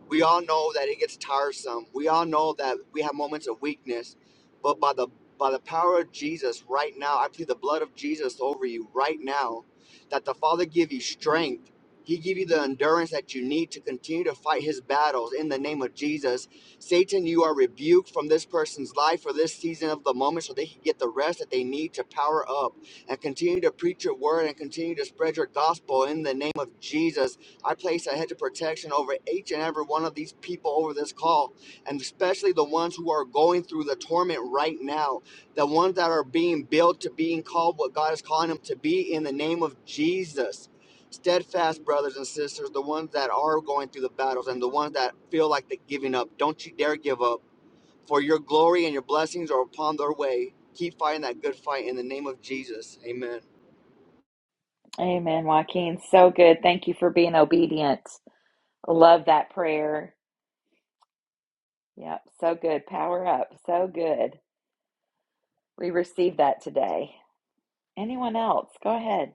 [SPEAKER 8] We all know that it gets tiresome. We all know that we have moments of weakness, but by the by the power of Jesus right now, I plead the blood of Jesus over you right now, that the Father give you strength he give you the endurance that you need to continue to fight his battles in the name of Jesus. Satan, you are rebuked from this person's life for this season of the moment so they can get the rest that they need to power up and continue to preach your word and continue to spread your gospel in the name of Jesus. I place a hedge of protection over each and every one of these people over this call, and especially the ones who are going through the torment right now, the ones that are being built to being called what God is calling them to be in the name of Jesus steadfast brothers and sisters, the ones that are going through the battles and the ones that feel like they're giving up. Don't you dare give up, for your glory and your blessings are upon their way. Keep fighting that good fight in the name of Jesus. Amen.
[SPEAKER 1] Amen, Joaquin. So good. Thank you for being obedient. Love that prayer. Yep, so good. Power up. So good. We received that today. Anyone else? Go ahead.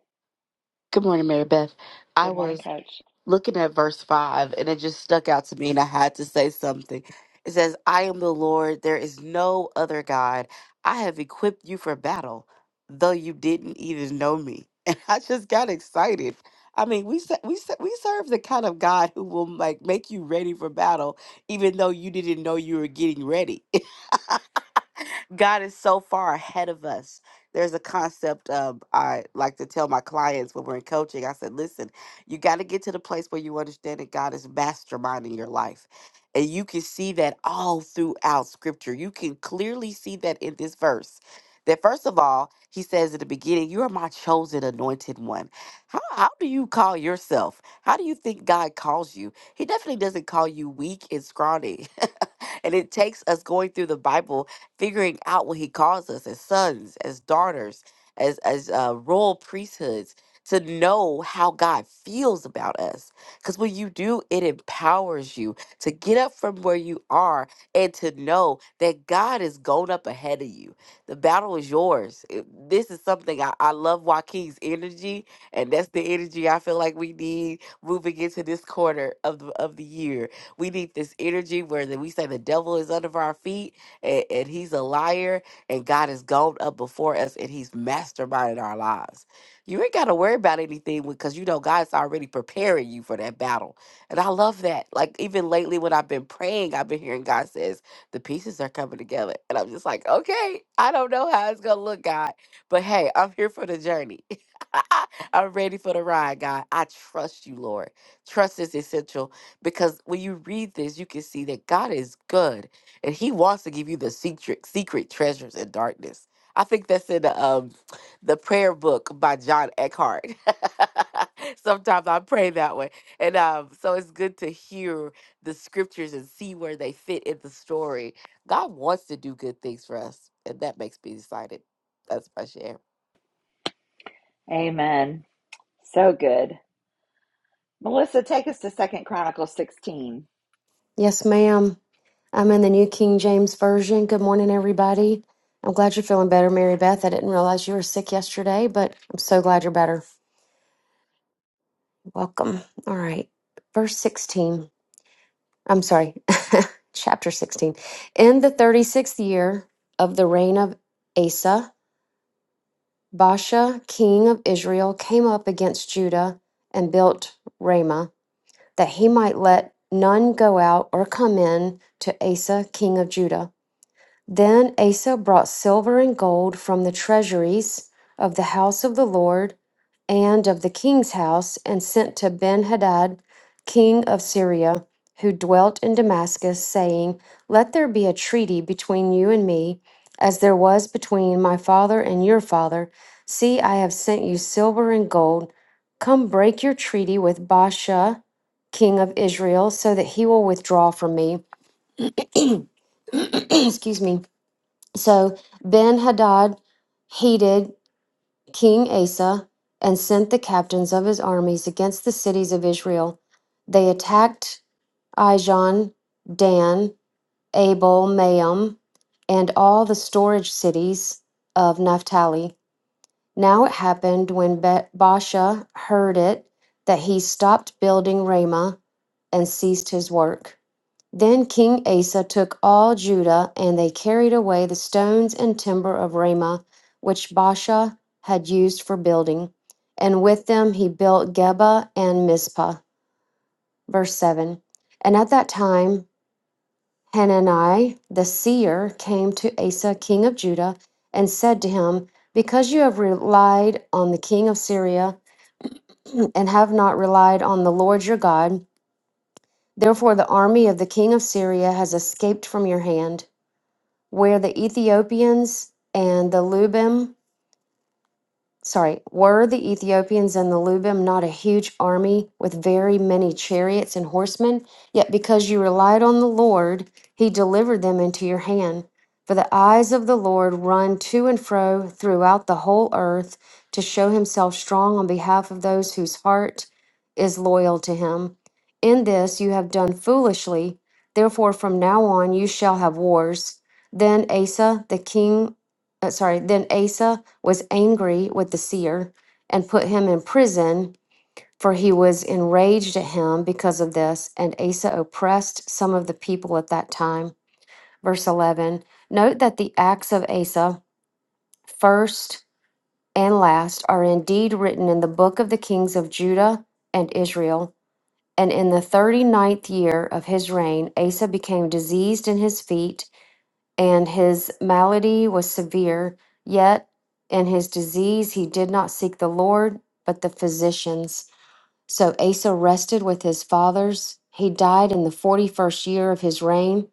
[SPEAKER 5] Good morning, Mary Beth. I
[SPEAKER 1] Good
[SPEAKER 5] was
[SPEAKER 1] morning, Coach.
[SPEAKER 5] looking at verse 5 and it just stuck out to me and I had to say something. It says, I am the Lord, there is no other God. I have equipped you for battle, though you didn't even know me. And I just got excited. I mean, we se- we se- we serve the kind of God who will like make you ready for battle, even though you didn't know you were getting ready. God is so far ahead of us. There's a concept of I like to tell my clients when we're in coaching. I said, listen, you got to get to the place where you understand that God is masterminding your life. And you can see that all throughout scripture. You can clearly see that in this verse. That first of all, he says at the beginning, You are my chosen anointed one. How, how do you call yourself? How do you think God calls you? He definitely doesn't call you weak and scrawny. and it takes us going through the Bible, figuring out what he calls us as sons, as daughters, as as uh, royal priesthoods to know how God feels about us. Because when you do, it empowers you to get up from where you are and to know that God is going up ahead of you. The battle is yours. It- this is something I, I love Joaquin's energy, and that's the energy I feel like we need moving into this quarter of the, of the year. We need this energy where that we say the devil is under our feet and, and he's a liar, and God has gone up before us and he's masterminded our lives. You ain't got to worry about anything because you know God's already preparing you for that battle. And I love that. Like even lately when I've been praying, I've been hearing God says the pieces are coming together. And I'm just like, "Okay, I don't know how it's going to look, God, but hey, I'm here for the journey." I'm ready for the ride, God. I trust you, Lord. Trust is essential because when you read this, you can see that God is good and he wants to give you the secret secret treasures in darkness. I think that's in the um the prayer book by John Eckhart. Sometimes I pray that way. And um, so it's good to hear the scriptures and see where they fit in the story. God wants to do good things for us, and that makes me excited. That's my share.
[SPEAKER 1] Amen. So good. Melissa, take us to Second Chronicles 16.
[SPEAKER 9] Yes, ma'am. I'm in the New King James Version. Good morning, everybody. I'm glad you're feeling better, Mary Beth. I didn't realize you were sick yesterday, but I'm so glad you're better. Welcome. All right. Verse 16. I'm sorry, chapter 16. In the 36th year of the reign of Asa, Baasha, king of Israel, came up against Judah and built Ramah, that he might let none go out or come in to Asa, king of Judah. Then Asa brought silver and gold from the treasuries of the house of the Lord and of the king's house, and sent to Ben Hadad, king of Syria, who dwelt in Damascus, saying, Let there be a treaty between you and me, as there was between my father and your father. See, I have sent you silver and gold. Come break your treaty with Baasha, king of Israel, so that he will withdraw from me. Excuse me. So Ben Hadad hated King Asa and sent the captains of his armies against the cities of Israel. They attacked Ijon, Dan, Abel, Maam, and all the storage cities of Naphtali. Now it happened when Be- Baasha heard it that he stopped building Ramah and ceased his work. Then King Asa took all Judah, and they carried away the stones and timber of Ramah, which Baasha had used for building. And with them he built Geba and Mizpah. Verse 7. And at that time, Hanani the seer came to Asa, king of Judah, and said to him, Because you have relied on the king of Syria, and have not relied on the Lord your God, therefore the army of the king of Syria has escaped from your hand. where the Ethiopians and the Lubim sorry, were the Ethiopians and the Lubim not a huge army with very many chariots and horsemen? Yet because you relied on the Lord, he delivered them into your hand. For the eyes of the Lord run to and fro throughout the whole earth to show himself strong on behalf of those whose heart is loyal to him. In this you have done foolishly. Therefore, from now on you shall have wars. Then Asa, the king, uh, sorry, then Asa, was angry with the seer and put him in prison, for he was enraged at him because of this, and Asa oppressed some of the people at that time. Verse 11 Note that the acts of Asa, first and last, are indeed written in the book of the kings of Judah and Israel. And in the thirty ninth year of his reign, Asa became diseased in his feet and his malady was severe. Yet in his disease, he did not seek the Lord, but the physicians. So Asa rested with his fathers. He died in the 41st year of his reign.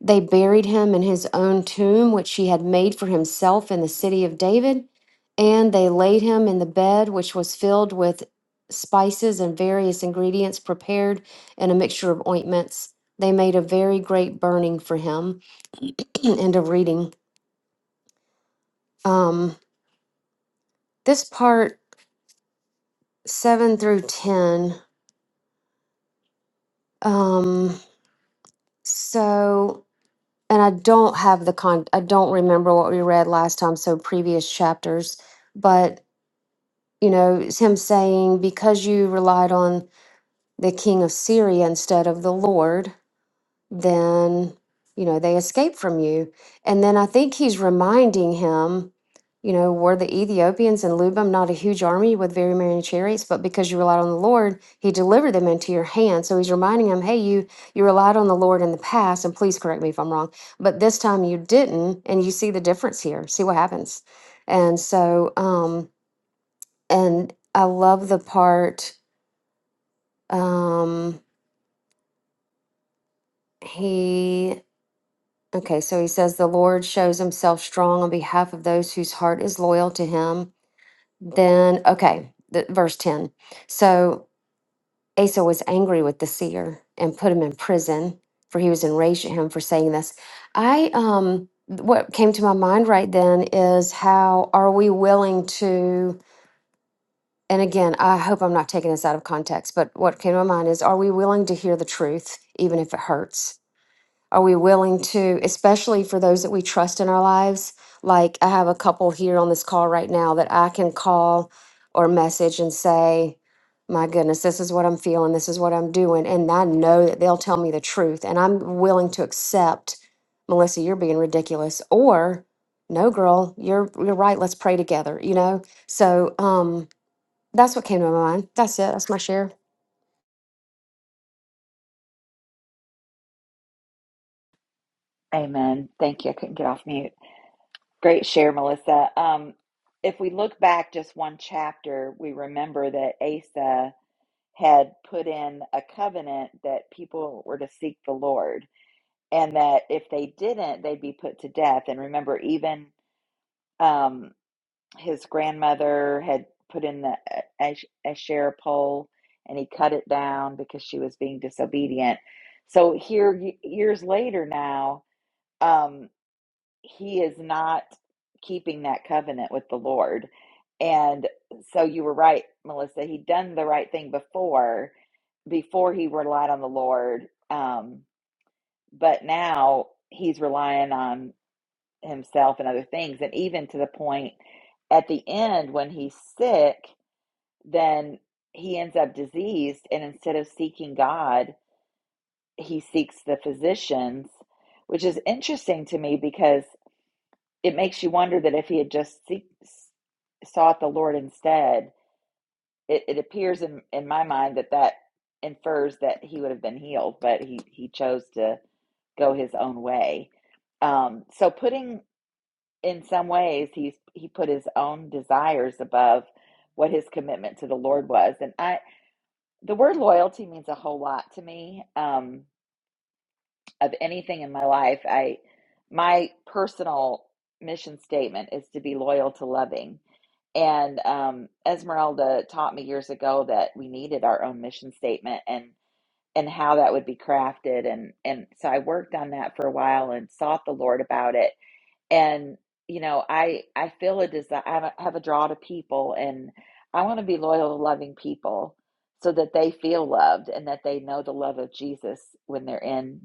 [SPEAKER 9] They buried him in his own tomb, which he had made for himself in the city of David. And they laid him in the bed, which was filled with spices and various ingredients prepared in a mixture of ointments. They made a very great burning for him. End of reading. Um, this part seven through ten. Um, so, and I don't have the con. I don't remember what we read last time. So previous chapters, but you know, it's him saying because you relied on the king of Syria instead of the Lord. then you know they escape from you and then i think he's reminding him you know were the ethiopians and lubim not a huge army with very many chariots but because you relied on the lord he delivered them into your hand so he's reminding him hey you you relied on the lord in the past and please correct me if i'm wrong but this time you didn't and you see the difference here see what happens and so um and i love the part um he Okay, so he says the Lord shows himself strong on behalf of those whose heart is loyal to him. Then, okay, the, verse 10. So Asa was angry with the seer and put him in prison, for he was enraged at him for saying this. I, um, what came to my mind right then is how are we willing to, and again, I hope I'm not taking this out of context, but what came to my mind is are we willing to hear the truth, even if it hurts? Are we willing to, especially for those that we trust in our lives? Like I have a couple here on this call right now that I can call or message and say, my goodness, this is what I'm feeling. This is what I'm doing. And I know that they'll tell me the truth. And I'm willing to accept, Melissa, you're being ridiculous. Or, no, girl, you're you're right. Let's pray together, you know? So um that's what came to my mind. That's it. That's my share.
[SPEAKER 1] Amen. Thank you. I couldn't get off mute. Great share, Melissa. Um, if we look back just one chapter, we remember that Asa had put in a covenant that people were to seek the Lord, and that if they didn't, they'd be put to death. And remember, even um, his grandmother had put in the ash- Asherah pole and he cut it down because she was being disobedient. So here, y- years later now, um, he is not keeping that covenant with the Lord. And so you were right, Melissa. He'd done the right thing before, before he relied on the Lord. Um, but now he's relying on himself and other things. And even to the point at the end when he's sick, then he ends up diseased. And instead of seeking God, he seeks the physicians, which is interesting to me because it makes you wonder that if he had just seek, sought the Lord instead, it, it appears in, in my mind that that infers that he would have been healed, but he, he chose to go his own way. Um, so putting in some ways he's he put his own desires above what his commitment to the lord was and i the word loyalty means a whole lot to me um of anything in my life i my personal mission statement is to be loyal to loving and um esmeralda taught me years ago that we needed our own mission statement and and how that would be crafted and and so i worked on that for a while and sought the lord about it and you know i i feel a desire i have a draw to people and i want to be loyal to loving people so that they feel loved and that they know the love of jesus when they're in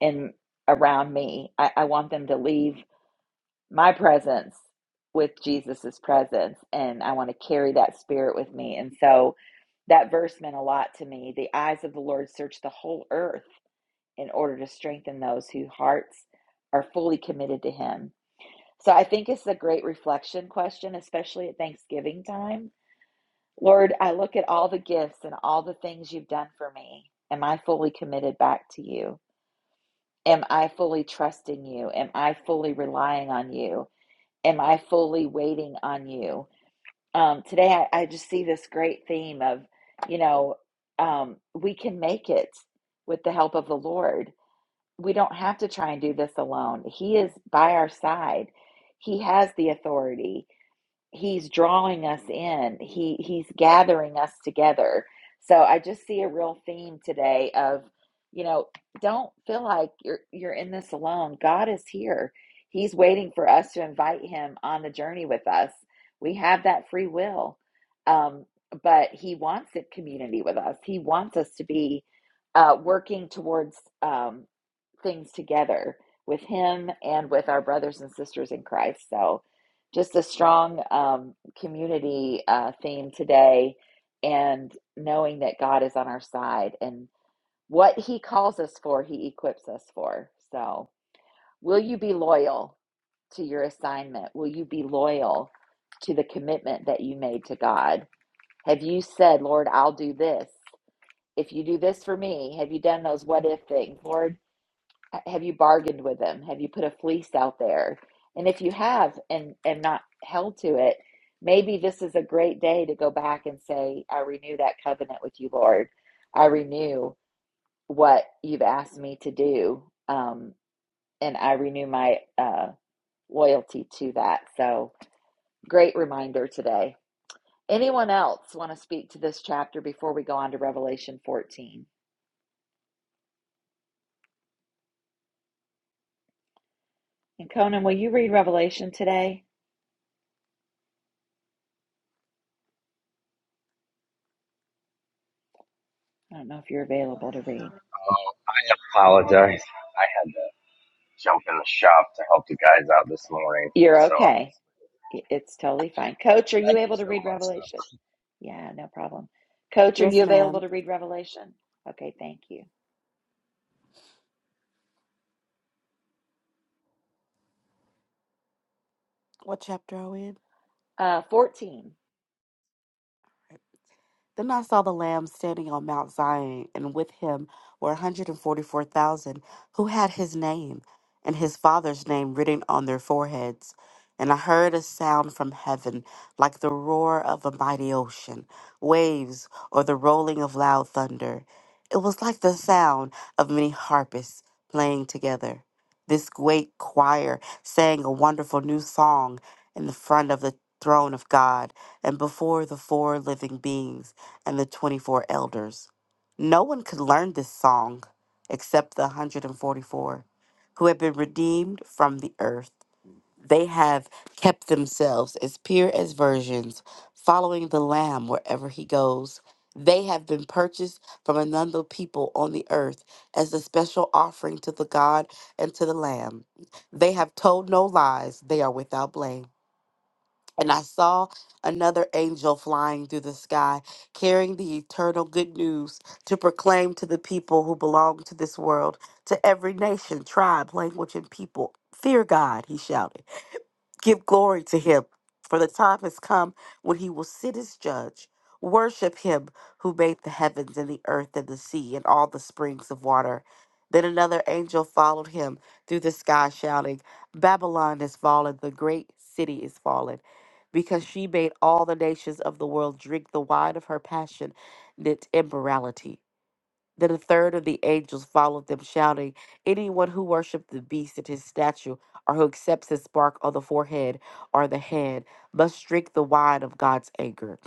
[SPEAKER 1] in around me i, I want them to leave my presence with jesus's presence and i want to carry that spirit with me and so that verse meant a lot to me the eyes of the lord search the whole earth in order to strengthen those whose hearts are fully committed to him so I think it's a great reflection question, especially at Thanksgiving time. Lord, I look at all the gifts and all the things you've done for me. Am I fully committed back to you? Am I fully trusting you? Am I fully relying on you? Am I fully waiting on you? Um, today, I, I just see this great theme of, you know, um, we can make it with the help of the Lord. We don't have to try and do this alone. He is by our side, He has the authority he's drawing us in he he's gathering us together so i just see a real theme today of you know don't feel like you're you're in this alone god is here he's waiting for us to invite him on the journey with us we have that free will um, but he wants a community with us he wants us to be uh, working towards um, things together with him and with our brothers and sisters in christ so just a strong um, community uh, theme today and knowing that God is on our side and what he calls us for, he equips us for. So, will you be loyal to your assignment? Will you be loyal to the commitment that you made to God? Have you said, Lord, I'll do this? If you do this for me, have you done those what if things? Lord, uh, Have you bargained with them? Have you put a fleece out there? And if you have and and not held to it, maybe this is a great day to go back and say, I renew that covenant with you, Lord. I renew what you've asked me to do. Um, and I renew my uh, loyalty to that. So great reminder today. Anyone else want to speak to this chapter before we go on to Revelation 14? And Conan, will you read Revelation today? I don't know if you're available to read.
[SPEAKER 10] Oh, I apologize. I had to jump in the shop to help the guys out this morning.
[SPEAKER 1] You're
[SPEAKER 10] So
[SPEAKER 1] okay. It's totally fine. Coach, are you
[SPEAKER 10] thank you
[SPEAKER 1] able to
[SPEAKER 10] so
[SPEAKER 1] read
[SPEAKER 10] much, though.
[SPEAKER 1] Revelation? Yeah, no problem. Coach, are
[SPEAKER 5] Yes,
[SPEAKER 1] you available
[SPEAKER 5] ma'am.
[SPEAKER 1] to read Revelation? Okay, thank you.
[SPEAKER 5] What chapter are we in?
[SPEAKER 1] Uh, 14.
[SPEAKER 5] Then I saw the Lamb standing on Mount Zion, and with him were 144,000 who had his name and his father's name written on their foreheads. And I heard a sound from heaven like the roar of a mighty ocean, waves, or the rolling of loud thunder. It was like the sound of many harpists playing together. This great choir sang a wonderful new song in the front of the throne of God and before the four living beings and the 24 elders. No one could learn this song except the 144 who have been redeemed from the earth. They have kept themselves as pure as virgins, following the Lamb wherever he goes. They have been purchased from another people on the earth as a special offering to the God and to the Lamb. They have told no lies, they are without blame. And I saw another angel flying through the sky, carrying the eternal good news to proclaim to the people who belong to this world, to every nation, tribe, language, and people. Fear God, he shouted. Give glory to him, for the time has come when he will sit as judge. Worship him who made the heavens and the earth and the sea and all the springs of water. Then another angel followed him through the sky, shouting, Babylon is fallen, the great city is fallen, because she made all the nations of the world drink the wine of her passion, and its immorality. Then a third of the angels followed them, shouting, Anyone who worships the beast and his statue, or who accepts his mark on the forehead or the hand, must drink the wine of God's anger.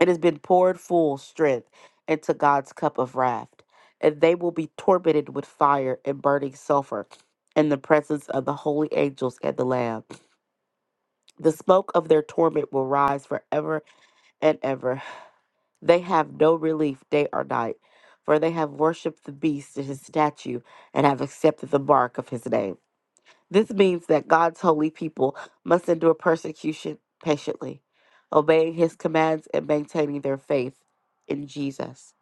[SPEAKER 5] It has been poured full strength into God's cup of wrath, and they will be tormented with fire and burning sulfur in the presence of the holy angels and the Lamb. The smoke of their torment will rise forever and ever. They have no relief day or night, for they have worshipped the beast and his statue, and have accepted the mark of his name. This means that God's holy people must endure persecution patiently, obeying his commands and maintaining their faith in Jesus.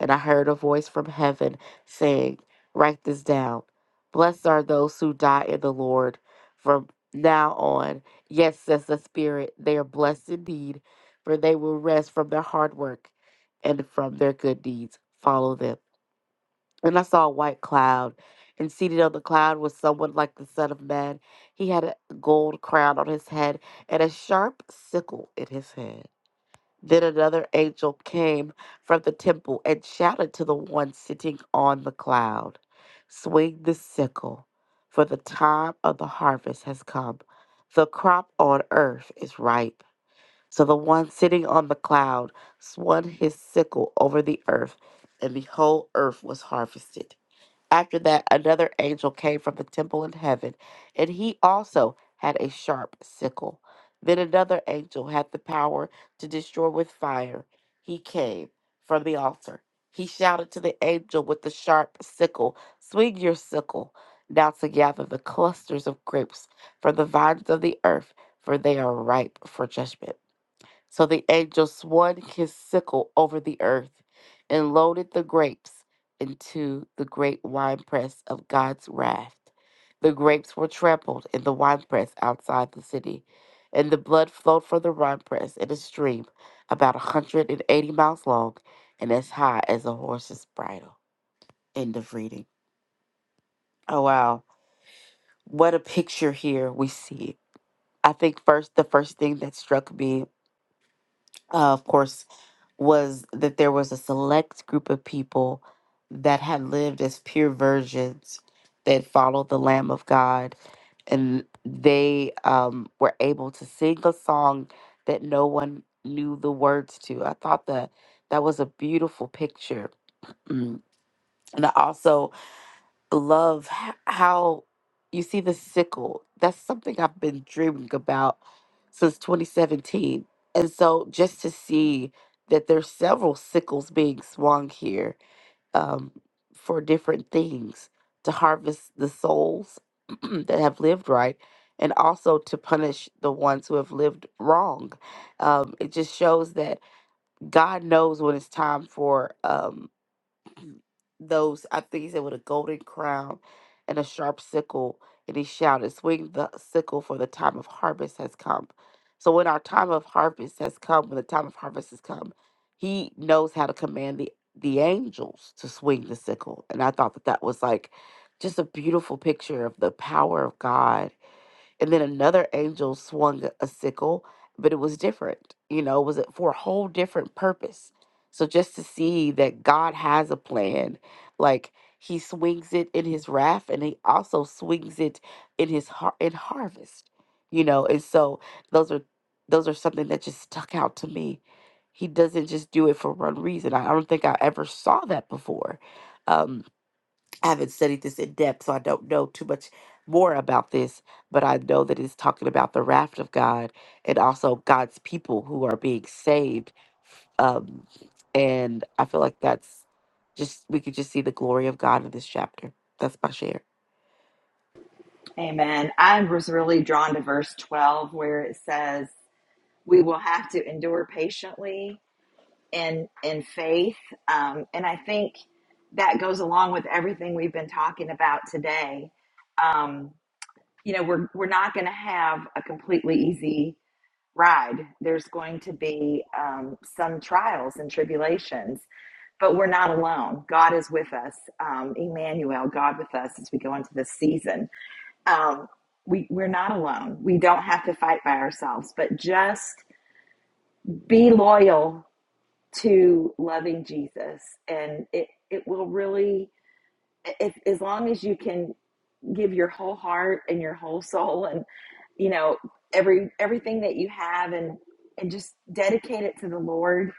[SPEAKER 5] And I heard a voice from heaven saying, Write this down. Blessed are those who die in the Lord from now on. Yes, says the Spirit, they are blessed indeed, for they will rest from their hard work and from their good deeds. Follow them. And I saw a white cloud, and seated on the cloud was someone like the Son of Man. He had a gold crown on his head and a sharp sickle in his hand. Then another angel came from the temple and shouted to the one sitting on the cloud Swing the sickle, for the time of the harvest has come. The crop on earth is ripe. So the one sitting on the cloud swung his sickle over the earth, and the whole earth was harvested. After that, another angel came from the temple in heaven, and he also had a sharp sickle. Then another angel had the power to destroy with fire. He came from the altar. He shouted to the angel with the sharp sickle, Swing your sickle now to gather the clusters of grapes from the vines of the earth, for they are ripe for judgment. So the angel swung his sickle over the earth and loaded the grapes into the great winepress of God's wrath. The grapes were trampled in the winepress outside the city, and the blood flowed from the winepress in a stream about a 180 miles long and as high as a horse's bridle. End of reading. Oh, wow. What a picture here we see. I think first the first thing that struck me uh, of course, was that there was a select group of people that had lived as pure virgins that followed the Lamb of God, and they um, were able to sing a song that no one knew the words to. I thought that that was a beautiful picture, Mm. and I also love h- how you see the sickle. That's something I've been dreaming about since 2017. And so just to see that there's several sickles being swung here um, for different things to harvest the souls that have lived right and also to punish the ones who have lived wrong. Um, it just shows that God knows when it's time for. um, those, I think he said, with a golden crown and a sharp sickle. And he shouted, Swing the sickle, for the time of harvest has come. So when our time of harvest has come, when the time of harvest has come, he knows how to command the, the angels to swing the sickle. And I thought that that was like just a beautiful picture of the power of God and then another angel swung a a sickle, but it was different. You know, it was for a whole different purpose. So just to see that God has a plan, like he swings it in his wrath and he also swings it in his har- in harvest. You know, and so those are those are something that just stuck out to me. He doesn't just do it for one reason. I I don't think I ever saw that before. Um I haven't studied this in depth, so I don't know too much more about this, but I know that it's talking about the wrath of God and also God's people who are being saved. Um, and I feel like that's just, we could just see the glory of God in this chapter. That's my share.
[SPEAKER 1] Amen. I was really drawn to verse 12 where it says, We will have to endure patiently in, in faith. Um, and I think that goes along with everything we've been talking about today. Um, you know, we're, we're not going to have a completely easy ride. There's going to be um, some trials and tribulations, but we're not alone. God is with us. Um, Emmanuel, God with us as we go into this season. Um, we, we're not alone. We don't have to fight by ourselves, but just be loyal to loving Jesus. And it, it will really, if, as long as you can give your whole heart and your whole soul and you know every everything that you have and and just dedicate it to the lord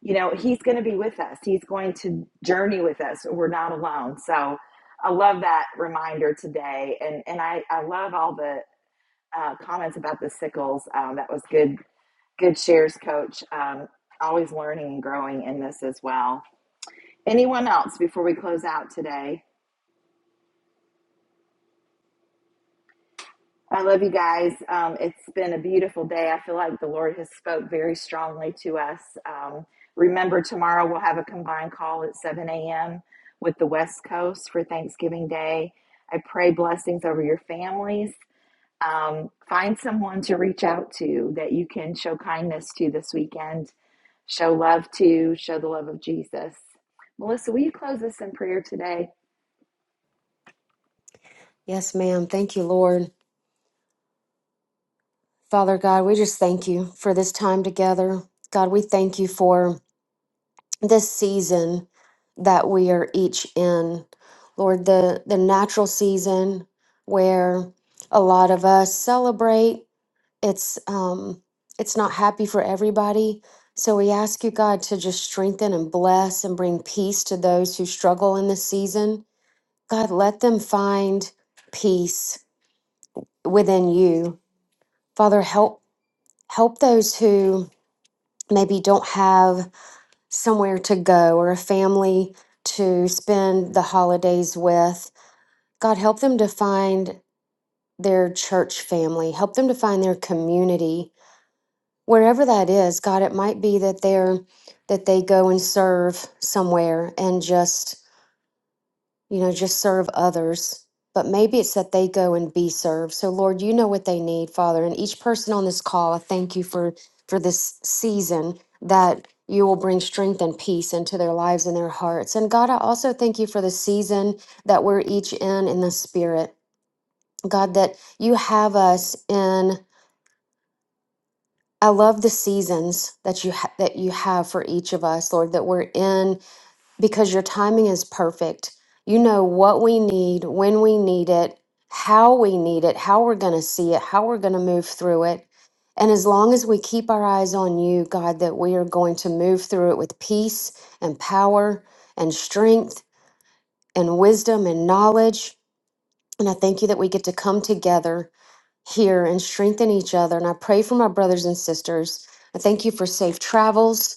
[SPEAKER 1] you know he's going to be with us he's going to journey with us we're not alone so i love that reminder today and and i i love all the uh, comments about the sickles um, that was good good shares coach um, always learning and growing in this as well anyone else before we close out today I love you guys. Um, it's been a beautiful day. I feel like the Lord has spoke very strongly to us. Um, remember, tomorrow we'll have a combined call at 7 a.m. with the West Coast for Thanksgiving Day. I pray blessings over your families. Um, find someone to reach out to that you can show kindness to this weekend, show love to, show the love of Jesus. Melissa, will you close us in prayer today?
[SPEAKER 9] Yes, ma'am. Thank you, Lord. Father God, we just thank you for this time together. God, we thank you for this season that we are each in. Lord, the, the natural season where a lot of us celebrate, it's um it's not happy for everybody. So we ask you, God, to just strengthen and bless and bring peace to those who struggle in this season. God, let them find peace within you. Father, help help those who maybe don't have somewhere to go or a family to spend the holidays with. God, help them to find their church family, help them to find their community, wherever that is. God, it might be that they're that they go and serve somewhere and just you know, just serve others. But maybe it's that they go and be served. So, Lord, you know what they need, Father. And each person on this call, I thank you for for this season that you will bring strength and peace into their lives and their hearts. And God, I also thank you for the season that we're each in in the spirit. God, that you have us in. I love the seasons that you ha- that you have for each of us, Lord. That we're in because your timing is perfect. You know what we need, when we need it, how we need it, how we're going to see it, how we're going to move through it. And as long as we keep our eyes on you, God, that we are going to move through it with peace and power and strength and wisdom and knowledge. And I thank you that we get to come together here and strengthen each other. And I pray for my brothers and sisters. I thank you for safe travels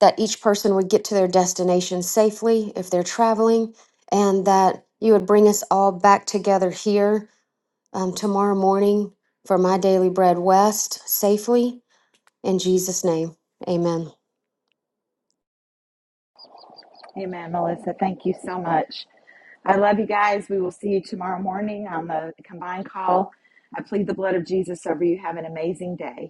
[SPEAKER 9] that each person would get to their destination safely if they're traveling, and that you would bring us all back together here um, tomorrow morning for my daily bread west safely. In Jesus' name, amen.
[SPEAKER 1] Amen, Melissa. Thank you so much. I love you guys. We will see you tomorrow morning on the combined call. I plead the blood of Jesus over you. Have an amazing day.